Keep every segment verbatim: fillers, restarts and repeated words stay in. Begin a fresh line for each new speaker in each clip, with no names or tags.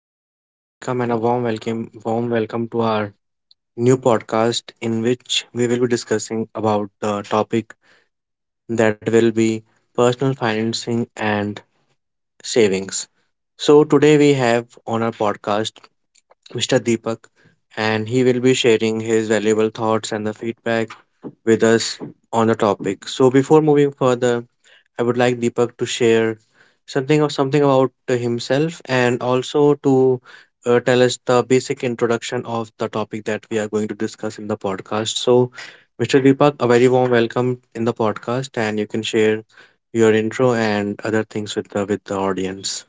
Hi audience, welcome and a warm welcome warm welcome to our new podcast in which we will be discussing about the topic that will be personal financing and savings. So today we have on our podcast mister Deepak and he will be sharing his valuable thoughts and the feedback with us on the topic. So before moving further, I would like Deepak to share something of something about himself and also to uh, tell us the basic introduction of the topic that we are going to discuss in the podcast. So, mister Deepak, a very warm welcome in the podcast, and you can share your intro and other things with the with the audience.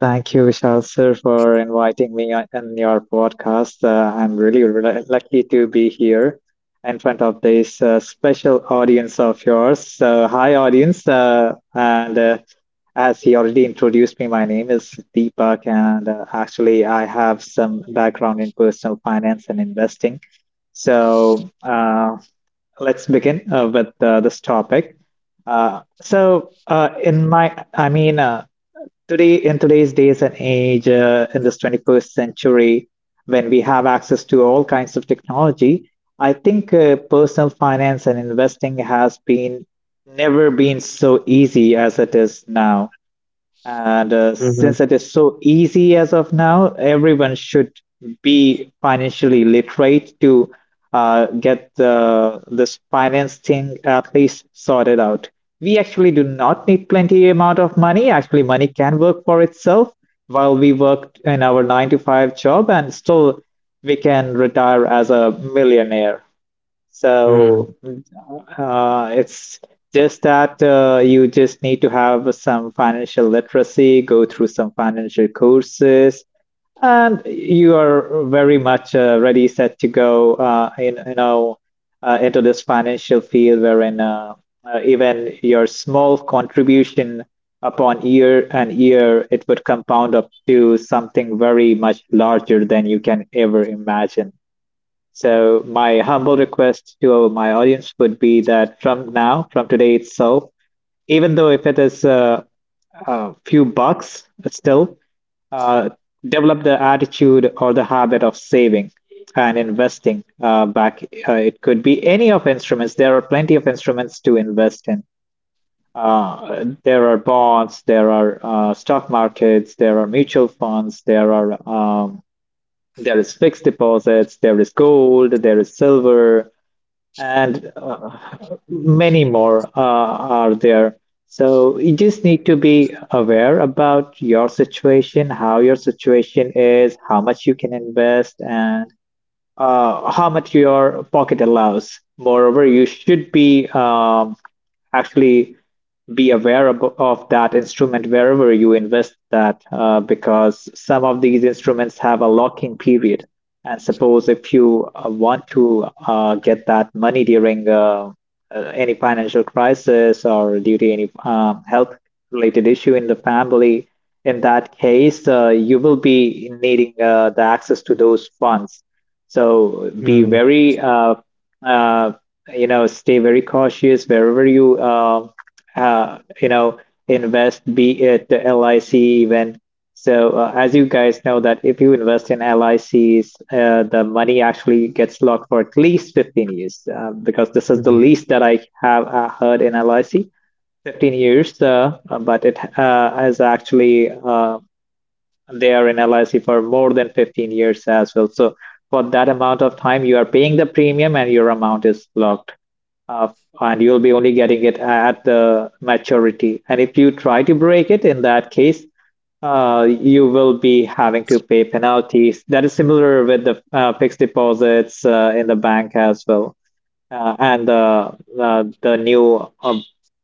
Thank you, Vishal sir, for inviting me on on your podcast. Uh, I'm really re- lucky to be here in front of this uh, special audience of yours. So, hi, audience. Uh, and uh, as he already introduced me, my name is Deepak, and uh, actually, I have some background in personal finance and investing. So, uh, let's begin uh, with uh, this topic. Uh, so, uh, in my, I mean, uh, Today, in today's days and age, uh, in this twenty-first century, when we have access to all kinds of technology, I think uh, personal finance and investing has been never been so easy as it is now. And uh, since it is so easy as of now, everyone should be financially literate to uh, get the, this finance thing at least sorted out. We actually do not need plenty amount of money. Actually, money can work for itself while we work in our nine to five job, and still we can retire as a millionaire. So
Mm-hmm.
uh, it's just that uh, you just need to have some financial literacy, go through some financial courses, and you are very much uh, ready, set to go uh, in, you know, uh, into this financial field wherein uh, uh, even your small contribution upon year and year, it would compound up to something very much larger than you can ever imagine. So my humble request to my audience would be that from now, from today itself, even though if it is a, a few bucks still, uh, develop the attitude or the habit of saving and investing uh, back. Uh, it could be any of instruments. There are plenty of instruments to invest in. Uh, there are bonds, there are uh, stock markets, there are mutual funds, there are um, there is fixed deposits, there is gold, there is silver, and uh, many more uh, are there. So you just need to be aware about your situation, how your situation is, how much you can invest, and uh, how much your pocket allows. Moreover, you should be um, actually be aware abo- of that instrument wherever you invest that uh, because some of these instruments have a locking period. And suppose if you uh, want to uh, get that money during uh, uh, any financial crisis or due to any um, health related issue in the family, in that case, uh, you will be needing uh, the access to those funds, so be
Mm-hmm.
very, uh, uh, you know, stay very cautious wherever you, uh, uh, you know, invest, be it the L I C even. So uh, as you guys know that if you invest in L I Cs, uh, the money actually gets locked for at least fifteen years uh, because this is the least that I have uh, heard in L I C. fifteen years, uh, uh, but it uh, is actually uh, they are in L I C for more than fifteen years as well. So for that amount of time, you are paying the premium and your amount is locked. Uh, and you'll be only getting it at the maturity. And if you try to break it, in that case, uh, you will be having to pay penalties. That is similar with the uh, fixed deposits uh, in the bank as well, uh, and the uh, the new uh,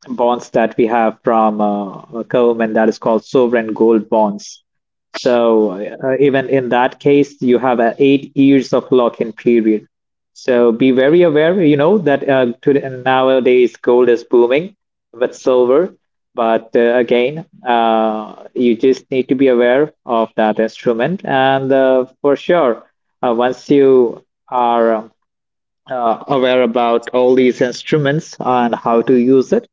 bonds that we have from uh, government that is called sovereign gold bonds. So uh, even in that case, you have uh, eight years of lock-in period. So be very aware, you know, that uh, today, nowadays gold is booming with silver. But uh, again, uh, you just need to be aware of that instrument. And uh, for sure, uh, once you are um, uh, aware about all these instruments and how to use it,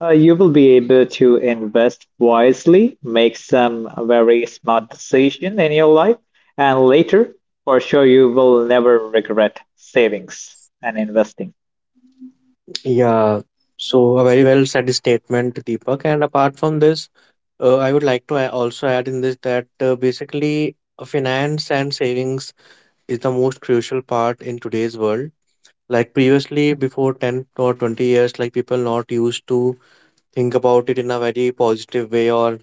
uh, you will be able to invest wisely, make some very smart decision in your life, and later, for sure, you will never regret savings and investing.
Yeah, so a very well said statement, Deepak. And apart from this, Uh, I would like to a- also add in this that uh, basically uh, finance and savings is the most crucial part in today's world. Like previously, before ten or twenty years, like people not used to think about it in a very positive way, or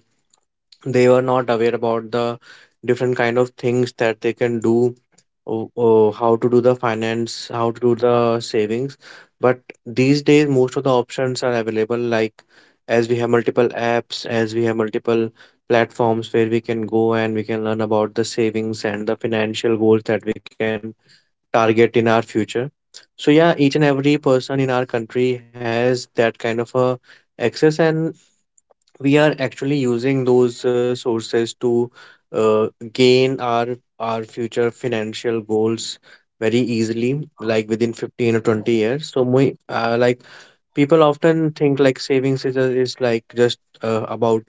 they were not aware about the different kind of things that they can do, o- o- how to do the finance, how to do the savings. But these days most of the options are available, like as we have multiple apps, as we have multiple platforms where we can go and we can learn about the savings and the financial goals that we can target in our future. So yeah, each and every person in our country has that kind of a access, and we are actually using those uh, sources to uh, gain our our future financial goals very easily, like within fifteen or twenty years. So we uh, like people often think like savings is, a- is like just uh, about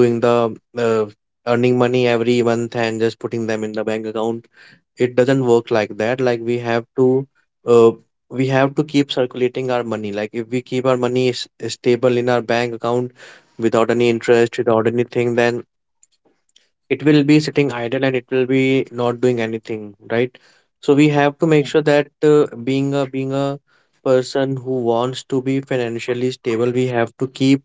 doing the uh, earning money every month and just putting them in the bank account. It doesn't work like that. Like we have to uh, we have to keep circulating our money, like if we keep our money s- stable in our bank account without any interest, without anything, then it will be sitting idle and it will be not doing anything, right? So we have to make sure that uh, being a being a person who wants to be financially stable, we have to keep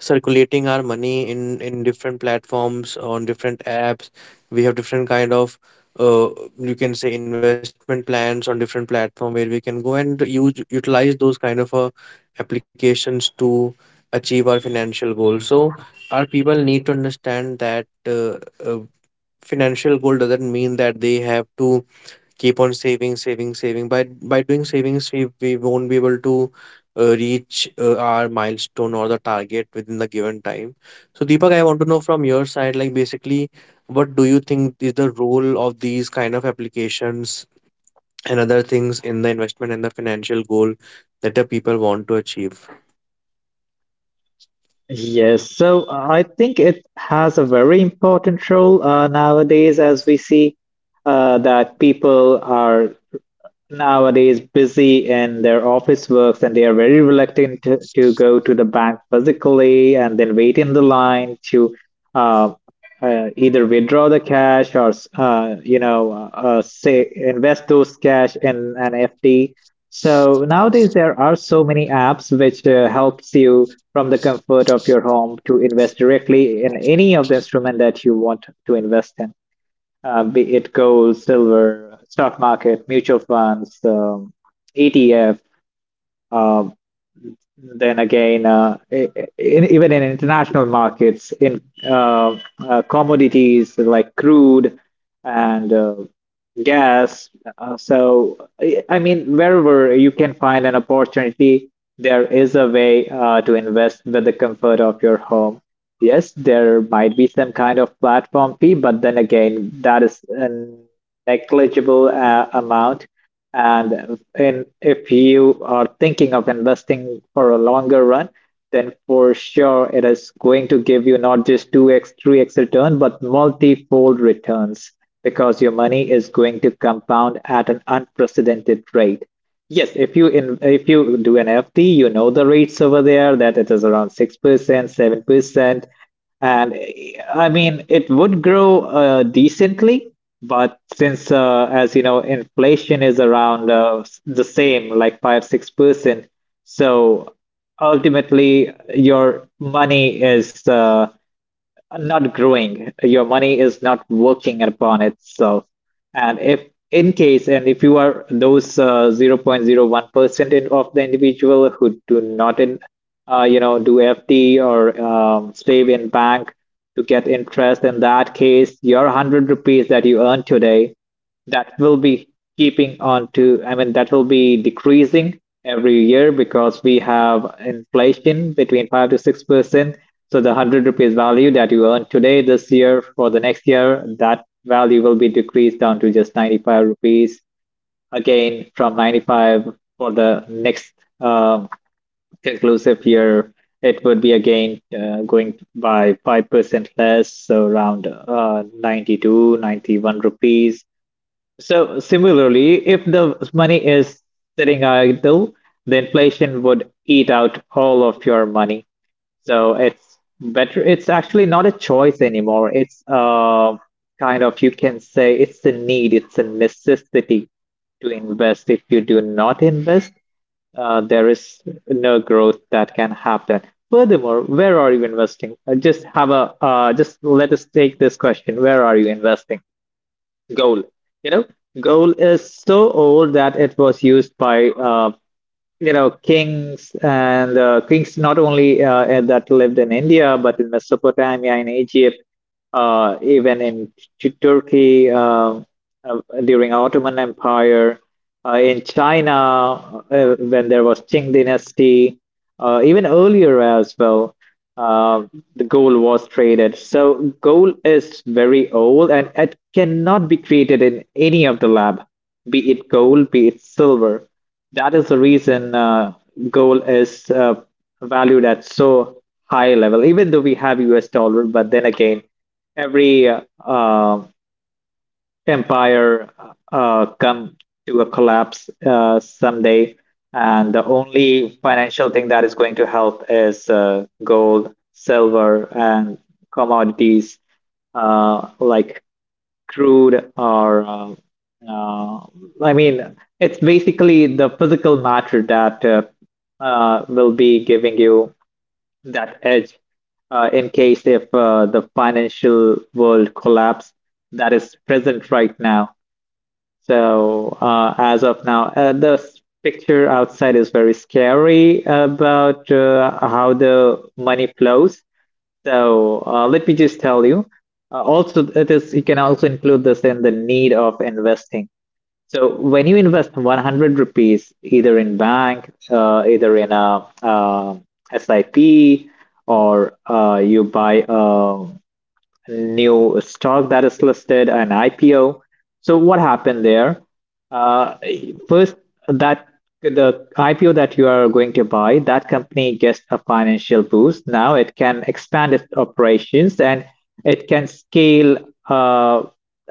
circulating our money in in different platforms, on different apps. We have different kind of uh, you can say investment plans on different platform where we can go and use utilize those kind of uh, applications to achieve our financial goal. So our people need to understand that uh, uh, financial goal doesn't mean that they have to keep on saving, saving, saving. By by doing savings, we we won't be able to uh, reach uh, our milestone or the target within the given time. So, Deepak, I want to know from your side, like basically, what do you think is the role of these kind of applications and other things in the investment and the financial goal that the people want to achieve?
Yes, so uh, I think it has a very important role uh, nowadays, as we see uh, that people are nowadays busy in their office works and they are very reluctant to, to go to the bank physically and then wait in the line to uh, uh, either withdraw the cash or uh, you know uh, uh, say invest those cash in an F D. So nowadays there are so many apps which uh, helps you from the comfort of your home to invest directly in any of the instrument that you want to invest in, uh, be it gold, silver, stock market, mutual funds, um, E T F. Um, then again, uh, i- i- in, even in international markets, in uh, uh, commodities like crude and uh, gas. Uh, so, I I mean, wherever you can find an opportunity, there is a way uh, to invest with the comfort of your home. Yes, there might be some kind of platform fee, but then again, that is a negligible uh, amount. And in, if you are thinking of investing for a longer run, then for sure it is going to give you not just two x, three x return, but multi-fold returns because your money is going to compound at an unprecedented rate. Yes, if you in if you do an F D, you know the rates over there that it is around six percent, seven percent. And eh, I mean, it would grow uh, decently, but since, uh, as you know, inflation is around uh, s- the same, like five, six percent, so ultimately your money is uh, not growing. Your money is not working upon itself. And if in case, and if you are those uh, zero point zero one percent of the individual who do not in, uh, you know, do F D or um, save in bank to get interest, in that case, your hundred rupees that you earn today, that will be keeping on to, I mean, that will be decreasing every year because we have inflation between five to six percent. So the hundred rupees value that you earn today, this year, for the next year, that value will be decreased down to just ninety-five rupees, again from ninety-five for the next um, conclusive year, it would be again uh, going by five percent less, so around uh, ninety-two, ninety-one rupees. So similarly, if the money is sitting idle, the inflation would eat out all of your money. So it's better. It's actually not a choice anymore. It's uh, kind of, you can say it's a need, it's a necessity to invest. If you do not invest, uh, there is no growth that can happen. Furthermore, where are you investing? Uh, just have a uh, Just let us take this question. Where are you investing? Goal. You know, goal is so old that it was used by uh, you know, kings, and uh, kings not only uh, uh, that lived in India, but in Mesopotamia, in Egypt, uh, even in Tu- Turkey, uh, uh, during Ottoman Empire, uh, in China uh, when there was Qing dynasty, uh, even earlier as well, uh, the gold was traded. So gold is very old and it cannot be created in any of the lab, be it gold, be it silver. That is the reason uh, gold is uh, valued at so high level. Even though we have U S dollar, but then again, every uh, um, empire uh, come to a collapse uh, someday, and the only financial thing that is going to help is uh, gold, silver, and commodities uh, like crude or uh, uh, I mean, it's basically the physical matter that uh, uh, will be giving you that edge uh, in case if uh, the financial world collapse that is present right now. So uh, as of now, uh, the s- picture outside is very scary about uh, how the money flows. So uh, let me just tell you. Uh, also, it is, you can also include this in the need of investing. So when you invest hundred rupees either in bank, uh, either in a, uh S I P, or uh, you buy a new stock that is listed, an I P O. So what happened there? Uh, first, that the I P O that you are going to buy, that company gets a financial boost. Now it can expand its operations and it can scale uh,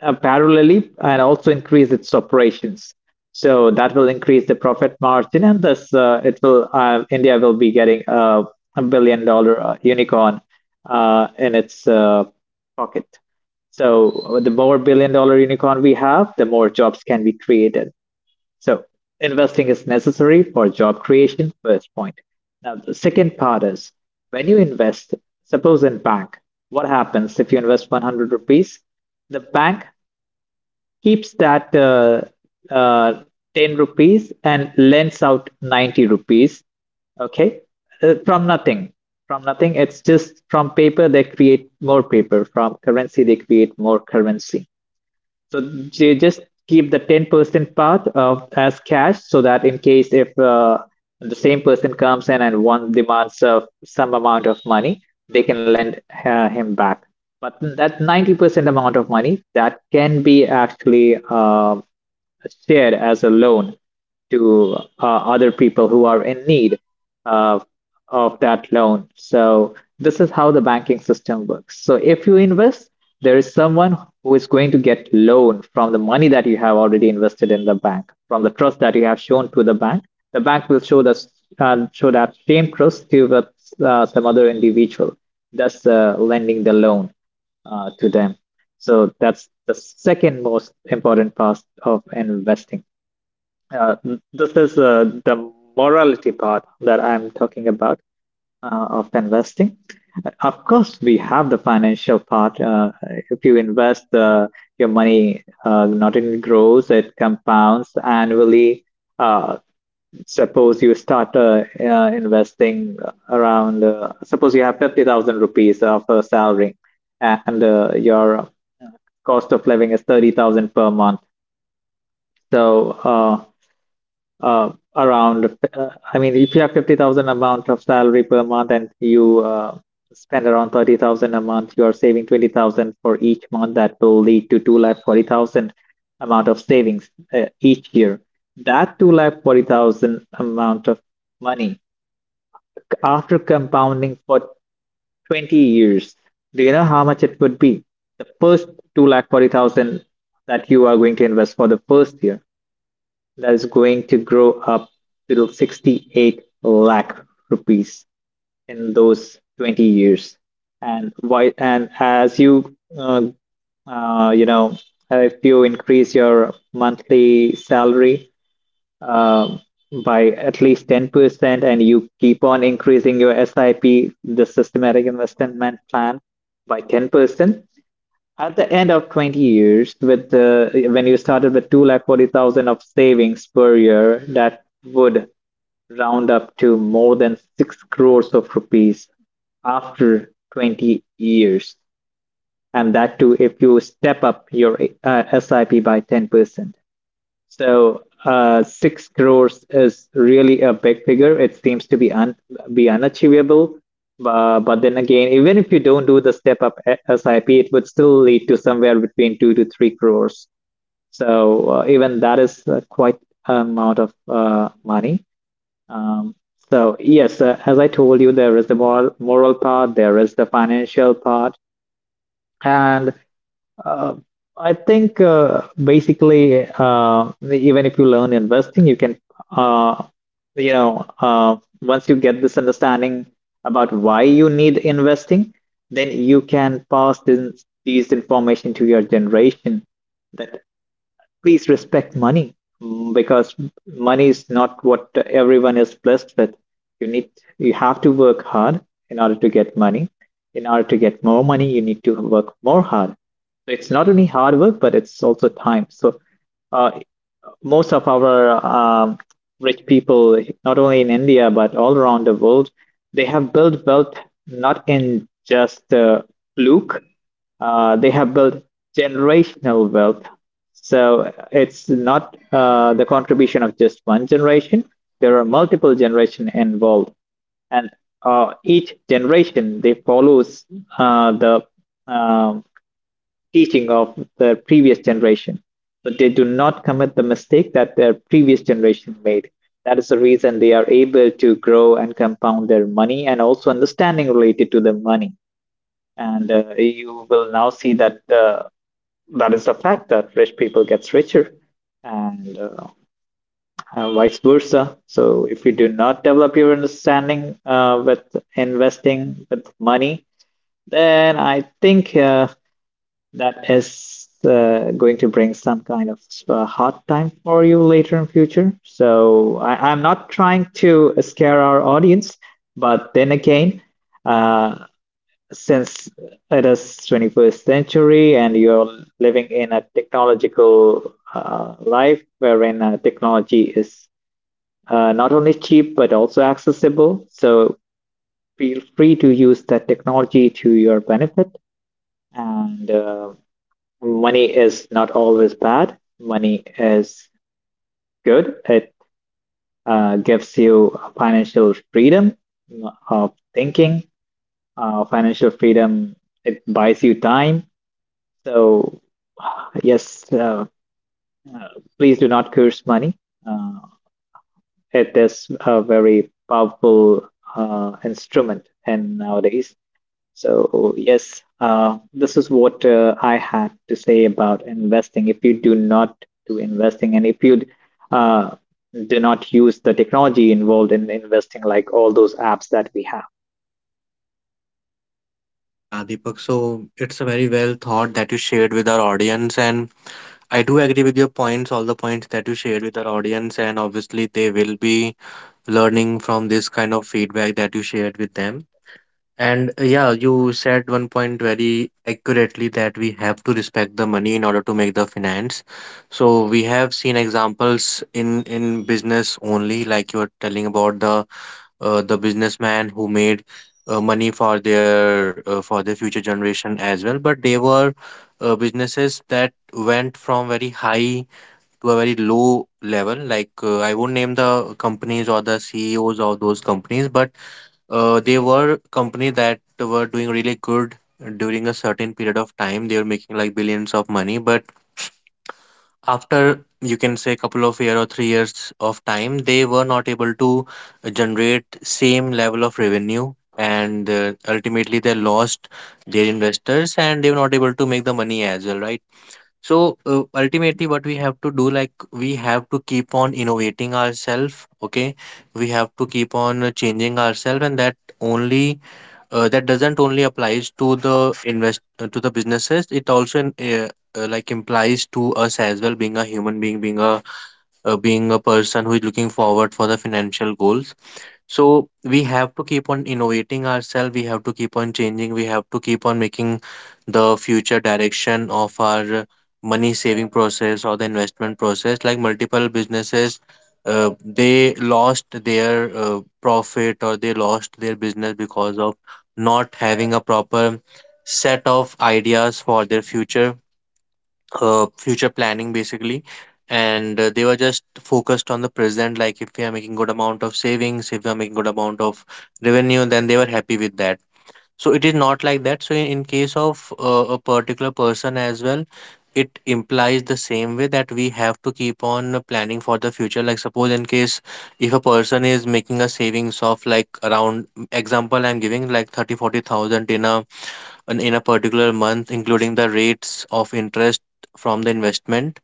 uh, parallelly and also increase its operations. So that will increase the profit margin, and thus uh, it will uh, India will be getting a, a billion dollar uh, unicorn uh, in its uh, pocket. So uh, the more billion dollar unicorn we have, the more jobs can be created. So investing is necessary for job creation, first point. Now, the second part is when you invest, suppose in bank, what happens if you invest hundred rupees? The bank keeps that uh, uh, ten rupees and lends out ninety rupees. Okay. Uh, from nothing, from nothing. It's just from paper they create more paper. From currency they create more currency. So they just keep the ten percent part of as cash, so that in case if uh, the same person comes in and one demands uh, some amount of money, they can lend uh, him back. But that ninety percent amount of money that can be actually. Um shared as a loan to uh, other people who are in need of, of that loan. So this is how the banking system works. So if you invest, there is someone who is going to get loan from the money that you have already invested in the bank, from the trust that you have shown to the bank. The bank will show the uh, show that same trust to uh, some other individual, thus uh, lending the loan uh, to them. So that's the second most important part of investing. Uh, this is uh, the morality part that I'm talking about uh, of investing. Of course, we have the financial part. Uh, if you invest uh, your money, uh, not only grows, it compounds annually. Uh, Suppose you start uh, uh, investing around, uh, suppose you have fifty thousand rupees of a salary and uh, your cost of living is thirty thousand per month. So uh, uh, around, uh, I mean, if you have fifty thousand amount of salary per month and you uh, spend around thirty thousand a month, you are saving twenty thousand for each month. That will lead to two lakh forty thousand amount of savings uh, each year. That two lakh forty thousand amount of money after compounding for twenty years, do you know how much it would be? The first two lakh forty thousand that you are going to invest for the first year, that is going to grow up to sixty-eight lakh rupees in those twenty years. And why, and as you, uh, uh, you know, if you increase your monthly salary um, by at least ten percent and you keep on increasing your S I P, the systematic investment plan, by ten percent. At the end of twenty years, with the, when you started with two lakh forty thousand of savings per year, that would round up to more than six crores of rupees after twenty years. And that too, if you step up your uh, S I P by ten percent. So uh, six crores is really a big figure. It seems to be un be unachievable. Uh, but then again, even if you don't do the step up S I P, it would still lead to somewhere between two to three crores. So uh, even that is uh, quite an amount of uh, money. Um, so yes, uh, as I told you, there is the moral moral part, there is the financial part, and uh, I think uh, basically, uh, even if you learn investing, you can, uh, you know, uh, once you get this understanding about why you need investing, then you can pass this, these information to your generation. Please respect money, mm, because money is not what everyone is blessed with. You need you have to work hard in order to get money. In order to get more money, you need to work more hard. So it's not only hard work but it's also time. so uh, Most of our um, rich people, not only in India but all around the world, they have built wealth not in just uh, fluke. Uh, they have built generational wealth. So it's not uh, the contribution of just one generation. There are multiple generations involved, and uh, each generation they follows uh, the um teaching of the previous generation. So they do not commit the mistake that their previous generation made. That is the reason they are able to grow and compound their money and also understanding related to the money. And uh, you will now see that uh, that is a fact that rich people gets richer and, uh, and vice versa. So if you do not develop your understanding uh, with investing with money, then I think uh, that is uh, going to bring some kind of uh, hard time for you later in future. So I, I'm not trying to scare our audience, but then again, uh, since it is twenty-first century and you're living in a technological uh, life wherein uh, technology is uh, not only cheap but also accessible, so feel free to use that technology to your benefit. And uh, money is not always bad. Money is good. It uh, gives you financial freedom of thinking. Uh, financial freedom, it buys you time. So, yes, uh, uh, please do not curse money. Uh, it is a very powerful uh, instrument in nowadays. So, yes, uh, this is what uh, I had to say about investing. If you do not do investing and if you uh, do not use the technology involved in investing, like all those apps that we have.
Yeah, Deepak. So it's a very well thought that you shared with our audience, and I do agree with your points, all the points that you shared with our audience, and obviously they will be learning from this kind of feedback that you shared with them. And uh, yeah, you said one point very accurately that we have to respect the money in order to make the finance. So we have seen examples in in business only, like you were telling about the uh, the businessman who made uh, money for their uh, for their future generation as well. But they were uh, businesses that went from very high to a very low level. Like uh, I won't name the companies or the C E Os of those companies, but uh, they were company that were doing really good during a certain period of time. They were making like billions of money, but after you can say couple of year or three years of time, they were not able to generate same level of revenue, and uh, ultimately they lost their investors and they were not able to make the money as well, right? So uh, ultimately, what we have to do, like we have to keep on innovating ourselves. Okay, we have to keep on uh, changing ourselves, and that only uh, that doesn't only applies to the invest uh, to the businesses. It also in- uh, uh, like implies to us as well, being a human being, being a uh, being a person who is looking forward for the financial goals. So we have to keep on innovating ourselves, we have to keep on changing, we have to keep on making the future direction of our money saving process or the investment process. Like multiple businesses, uh, they lost their uh, profit or they lost their business because of not having a proper set of ideas for their future uh, future planning basically. And uh, they were just focused on the present, like if we are making good amount of savings, if we are making good amount of revenue, then they were happy with that. So it is not like that. So in, in case of uh, a particular person as well, it implies the same way that we have to keep on uh, planning for the future. Like suppose in case if a person is making a savings of like around, example I'm giving, like thirty forty thousand in a in in a particular month, including the rates of interest from the investment.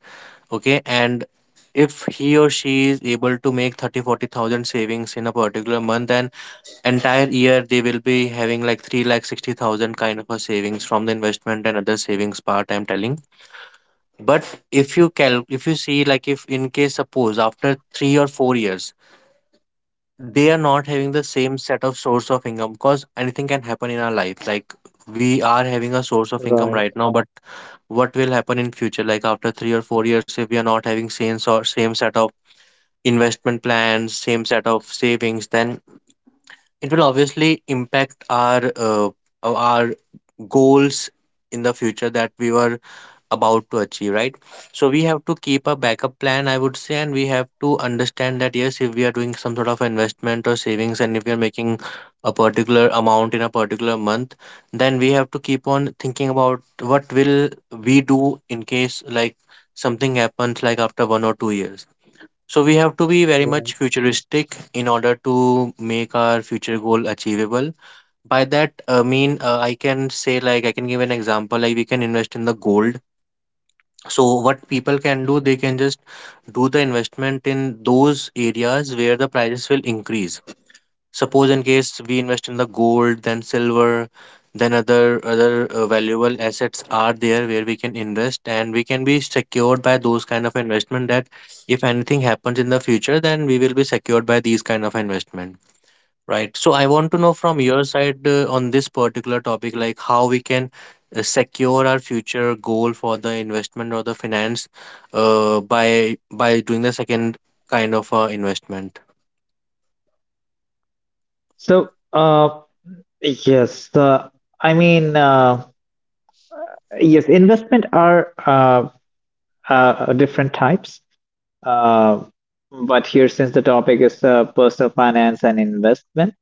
Okay, and if he or she is able to make thirty, forty thousand savings in a particular month, then entire year they will be having like three lakh sixty thousand kind of a savings from the investment and other savings part, I'm telling. But if you cal if you see, like if in case suppose after three or four years they are not having the same set of source of income, because anything can happen in our life. Like we are having a source of income
Right,
right now but what will happen in future, like after three or four years, if we are not having same or same set of investment plans, same set of savings, then it will obviously impact our uh, our goals in the future that we were about to achieve, right? So we have to keep a backup plan, I would say, and we have to understand that yes, if we are doing some sort of investment or savings, and if we are making a particular amount in a particular month, then we have to keep on thinking about what will we do in case like something happens like after one or two years. So we have to be very much
right.
futuristic in order to make our future goal achievable. By that uh, mean, uh, I can say like I can give an example like we can invest in the gold. So what people can do, they can just do the investment in those areas where the prices will increase. Suppose in case we invest in the gold, then silver, then other other uh, valuable assets are there where we can invest and we can be secured by those kind of investment, that if anything happens in the future, then we will be secured by these kind of investment. Right. So I want to know from your side uh, on this particular topic, like how we can uh, secure our future goal for the investment or the finance uh, by by doing the second kind of uh, investment.
So, uh, yes, the I mean, uh, yes, investment are uh, uh, different types. Uh, but here, since the topic is uh, personal finance and investment.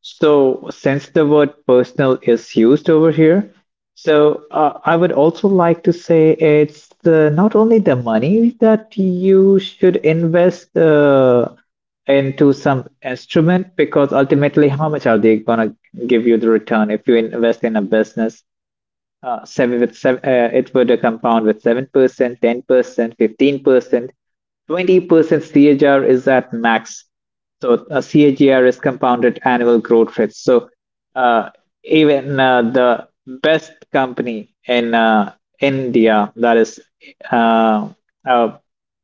So, since the word personal is used over here, so uh, I would also like to say it's uh, not only the money that you should invest uh, into some instrument, because ultimately, how much are they gonna give you the return if you invest in a business? uh, seven with seven, uh, it would compound with seven percent, ten percent, fifteen percent, twenty percent CAGR is at max. So a uh, CAGR is compounded annual growth rate. So uh, Even uh, the best company in uh, India, that is uh, a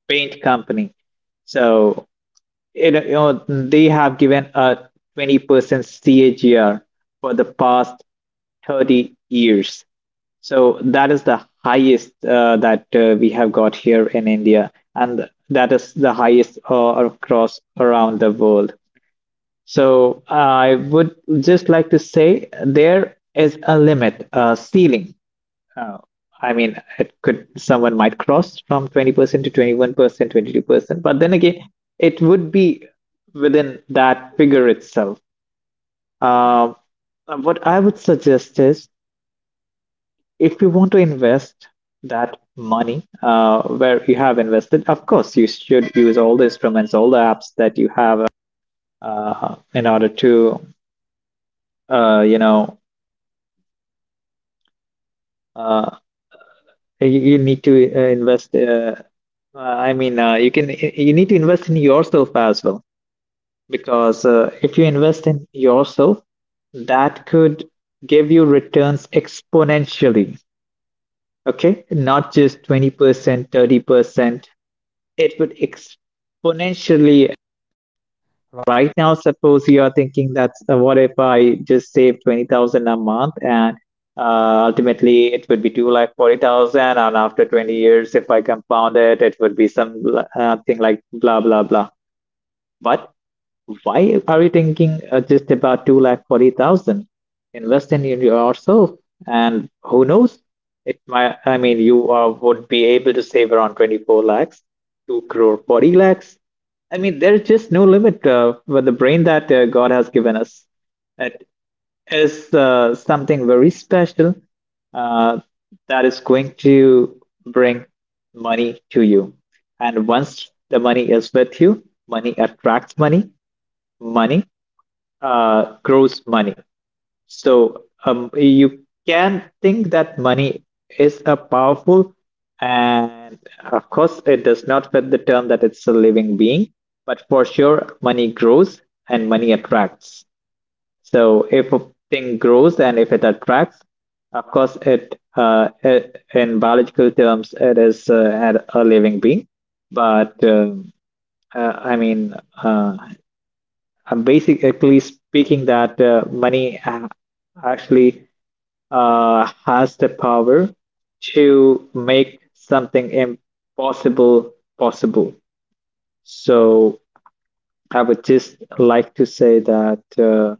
paint company, so it, you know they have given a twenty percent CAGR for the past thirty years. So that is the highest uh, that uh, we have got here in India, and that is the highest uh, across around the world. So I would just like to say there is a limit, a ceiling. Uh, I mean, it could someone might cross from twenty percent to twenty-one percent, twenty-two percent, but then again, it would be within that figure itself. Um, uh, what I would suggest is if you want to invest that money uh, where you have invested, of course, you should use all the instruments, all the apps that you in yourself as well, because uh, if you invest in yourself, that could give you returns exponentially. Okay, not just twenty percent, thirty percent, it would exponentially. Right now, suppose you are thinking that's uh, what if I just save twenty thousand a month, and uh, ultimately it would be two like forty thousand, and after twenty years if I compound it, it would be some uh, thing like blah blah. But why are you thinking uh, just about two lakh forty thousand? Invest in yourself, and who knows? It might, I mean, you uh, would be able to save around twenty-four lakhs, two crore forty lakhs. I mean, there's just no limit uh, with the brain that uh, God has given us. It is uh, something very special uh, that is going to bring money to you. And once the money is with you, money attracts money. Money uh, grows money. So um, you can think that money is a powerful, and of course, it does not fit the term that it's a living being, but for sure, money grows and money attracts. So if a thing grows and if it attracts, of course, it, uh, it in biological terms, it is uh, a a living being, but um, uh, I mean, uh, I'm basically speaking that uh, money a- actually uh, has the power to make something impossible possible. So I would just like to say that uh,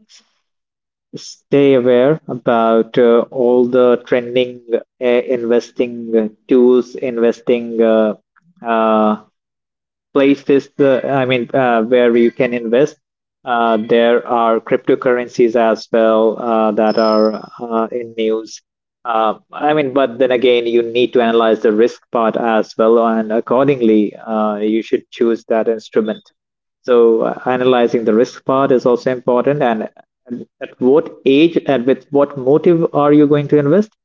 stay aware about uh, all the trending uh, investing uh, tools, investing uh, uh, places the I mean uh, where you can invest. Uh, there are cryptocurrencies as well uh, that are uh, in news. Uh, I mean, but then again, you need to analyze the risk part as well, and accordingly, uh, you should choose that instrument. So uh, analyzing the risk part is also important, and at what age and with what motive are you going to invest?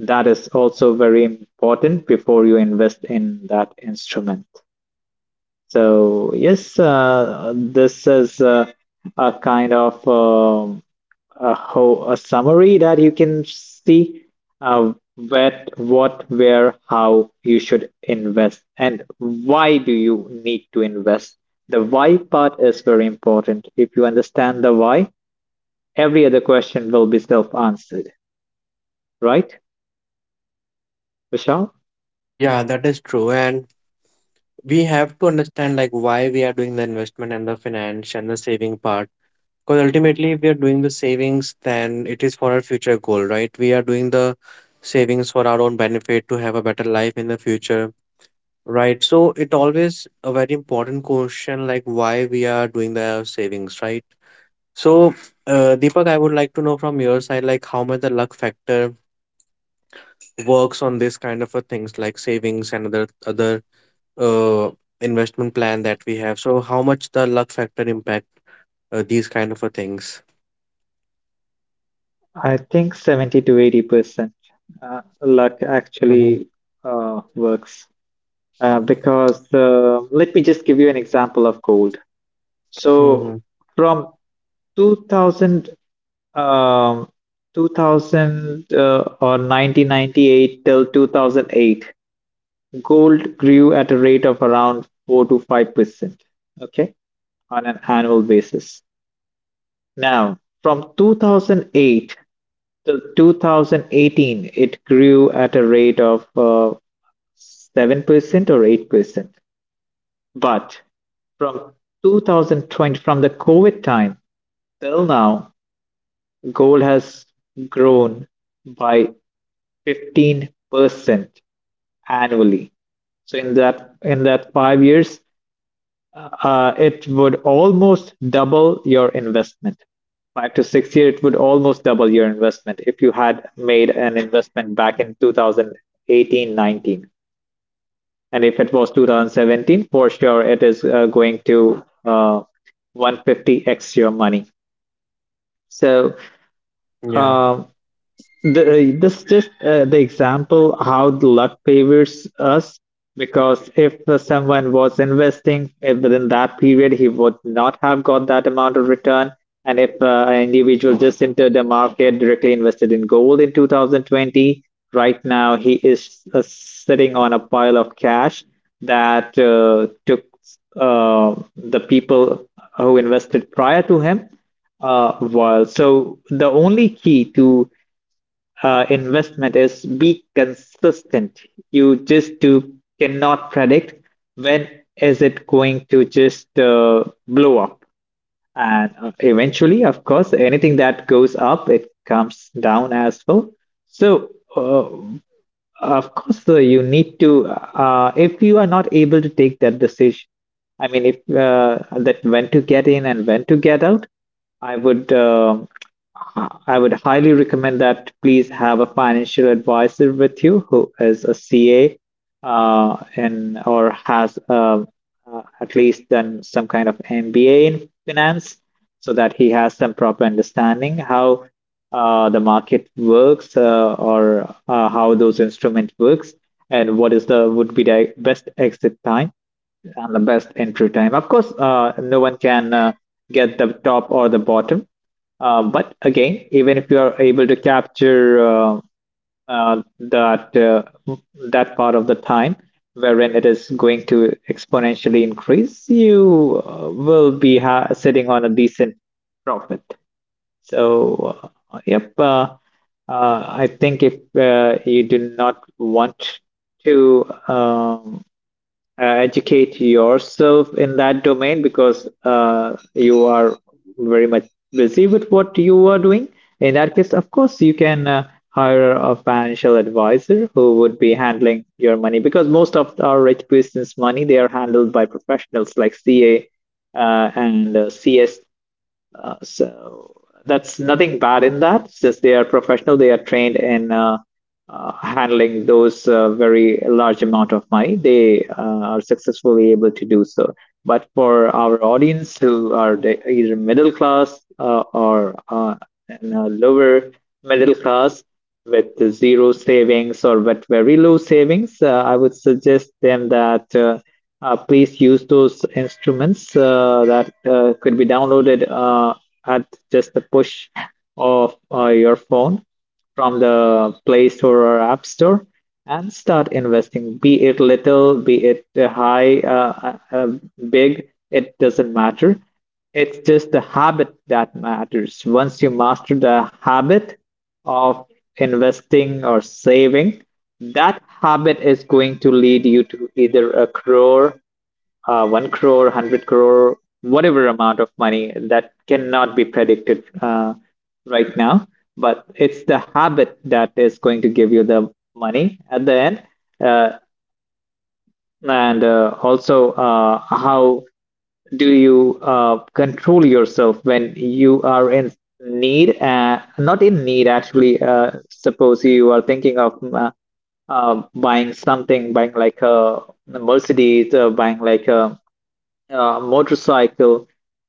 That is also very important before you invest in that instrument. So yes, uh, this is uh, a kind of um a ho a summary that you can see uh, what, what, where, how you should invest, and why do you need to invest. The why part is very important. If you understand the why, every other question will be self-answered, right, Vishal?
Yeah, that is true. And we have to understand like why we are doing the investment and the finance and the saving part. Because ultimately, if we are doing the savings, then it is for our future goal, right? We are doing the savings for our own benefit to have a better life in the future. Right. So it always a very important question, like why we are doing the savings, right? So, uh, Deepak, I would like to know from your side, like how much the luck factor works on this kind of a things like savings and other other uh investment plan that we have. So how much the luck factor impact uh, these kind of a things?
I think seventy to eighty percent uh, luck
Mm-hmm.
actually uh, works. uh, because uh, let me just give you an example of gold. So
Mm-hmm.
from two thousand, um, two thousand uh, or nineteen ninety-eight till two thousand eight, gold grew at a rate of around four to five percent, okay, on an annual basis. Now, from two thousand eight till two thousand eighteen, it grew at a rate of uh, seven percent or eight percent. But from twenty twenty, from the COVID time till now, gold has grown by fifteen percent annually. So in that in that five years, uh, uh, it would almost double your investment. Five to six years, it would almost double your investment if you had made an investment back in two thousand eighteen, nineteen. And if it was two thousand seventeen, for sure, it is uh, going to uh, one hundred fifty x your money. So,
Yeah.
uh, the, uh, this just uh, the example how the luck favors us, because if uh, someone was investing, if within that period he would not have got that amount of return. And if uh, an individual just entered the market, directly invested in gold in two thousand twenty, right now he is uh, sitting on a pile of cash that uh, took uh, the people who invested prior to him uh, while, so the only key to uh, investment is be consistent. You just do cannot predict when is it going to just uh, blow up. And uh, eventually, of course, anything that goes up, it comes down as well. So, uh, of course, uh, you need to, uh, if you are not able to take that decision, I mean, if uh, that when to get in and when to get out, I would. um I would highly recommend that please have a financial advisor with you who is a C A, uh, and or has um, uh, at least done some kind of M B A in finance, so that he has some proper understanding how uh, the market works, uh, or uh, how those instrument works, and what is the would be the best exit time and the best entry time. Of course, uh, no one can uh, get the top or the bottom. Uh, but again, even if you are able to capture uh, uh, that uh, that part of the time wherein it is going to exponentially increase, you uh, will be ha- sitting on a decent profit. So, uh, yep. Uh, uh, I think if uh, you do not want to. Um, uh, educate yourself in that domain, because uh, you are very much busy with what you are doing. In that case, of course, you can uh, hire a financial advisor who would be handling your money, because most of our rich business money, they are handled by professionals like C A, uh, and uh, C S, uh, so that's nothing bad in that. Since they are professional, they are trained in uh, uh, handling those uh, very large amount of money. They uh, are successfully able to do so. But for our audience who are the, either middle class uh, or uh, in a lower middle class, with zero savings or with very low savings, uh, I would suggest them that. Uh, uh, please use those instruments uh, that uh, could be downloaded uh, at just the push of uh, your phone, from the Play Store or App Store, and start investing. Be it little, be it uh, high, uh, uh, uh, big, it doesn't matter. It's just the habit that matters. Once you master the habit of investing or saving, that habit is going to lead you to either a crore, uh, one crore, one hundred crore, whatever amount of money that cannot be predicted uh, right now. But it's the habit that is going to give you the money at the end. Uh, and uh, also, uh, how do you uh, control yourself when you are in need, uh, not in need actually, uh, suppose you are thinking of uh, uh, buying something, buying like a Mercedes, uh, buying like a uh, motorcycle,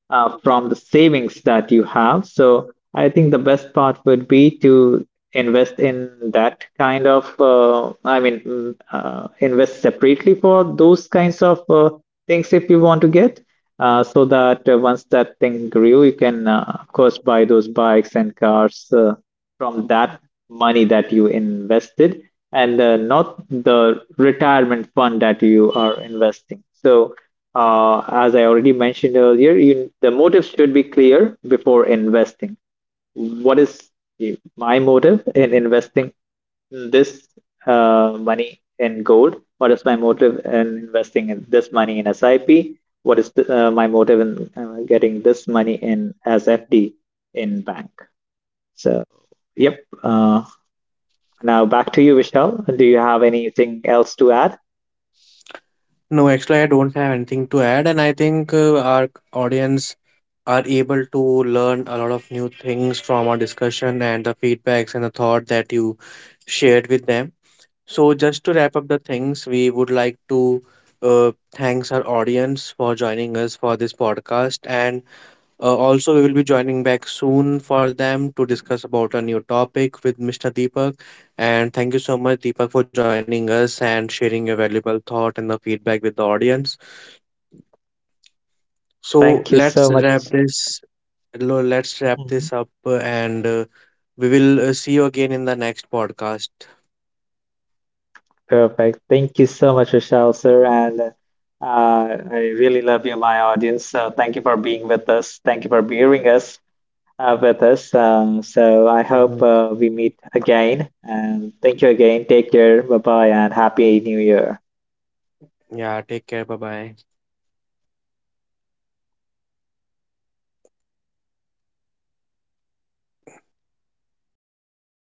uh, from the savings that you have. So I think the best part would be to invest in that kind of, uh, I mean, mm, uh, invest separately for those kinds of uh, things if you want to get, uh, so that uh, once that thing grew, you can, uh, of course, buy those bikes and cars uh, from that money that you invested, and uh, not the retirement fund that you are investing. So, uh, as I already mentioned earlier, you, the motives should be clear before investing. What is my motive in investing this uh, money in gold? What is my motive in investing in this money in SIP? What is the, uh, my motive in uh, getting this money in as F D in bank? So, yep. Uh, now back to you, Vishal. Do you have anything else to add?
No, actually, I don't have anything to add, and I think uh, our audience are able to learn a lot of new things from our discussion and the feedbacks and the thought that you shared with them. So, just to wrap up the things, we would like to uh, thanks our audience for joining us for this podcast, and uh, also, we will be joining back soon for them to discuss about a new topic with mister Deepak. And thank you so much, Deepak, for joining us and sharing your valuable thought and the feedback with the audience. So
Thank you
let's
so
wrap
much.
this. lo- Let's wrap this
Mhm.
up, uh, and uh, we will uh, see you again in the next podcast.
Perfect. Thank you so much, Rochelle, sir. And uh, I really love you, my audience. So thank you for being with us. Thank you for bearing us uh, with us. Uh, so I
Mhm.
hope uh, we meet again. And thank you again. Take care. Bye bye, and happy New Year.
Yeah, take care. Bye bye.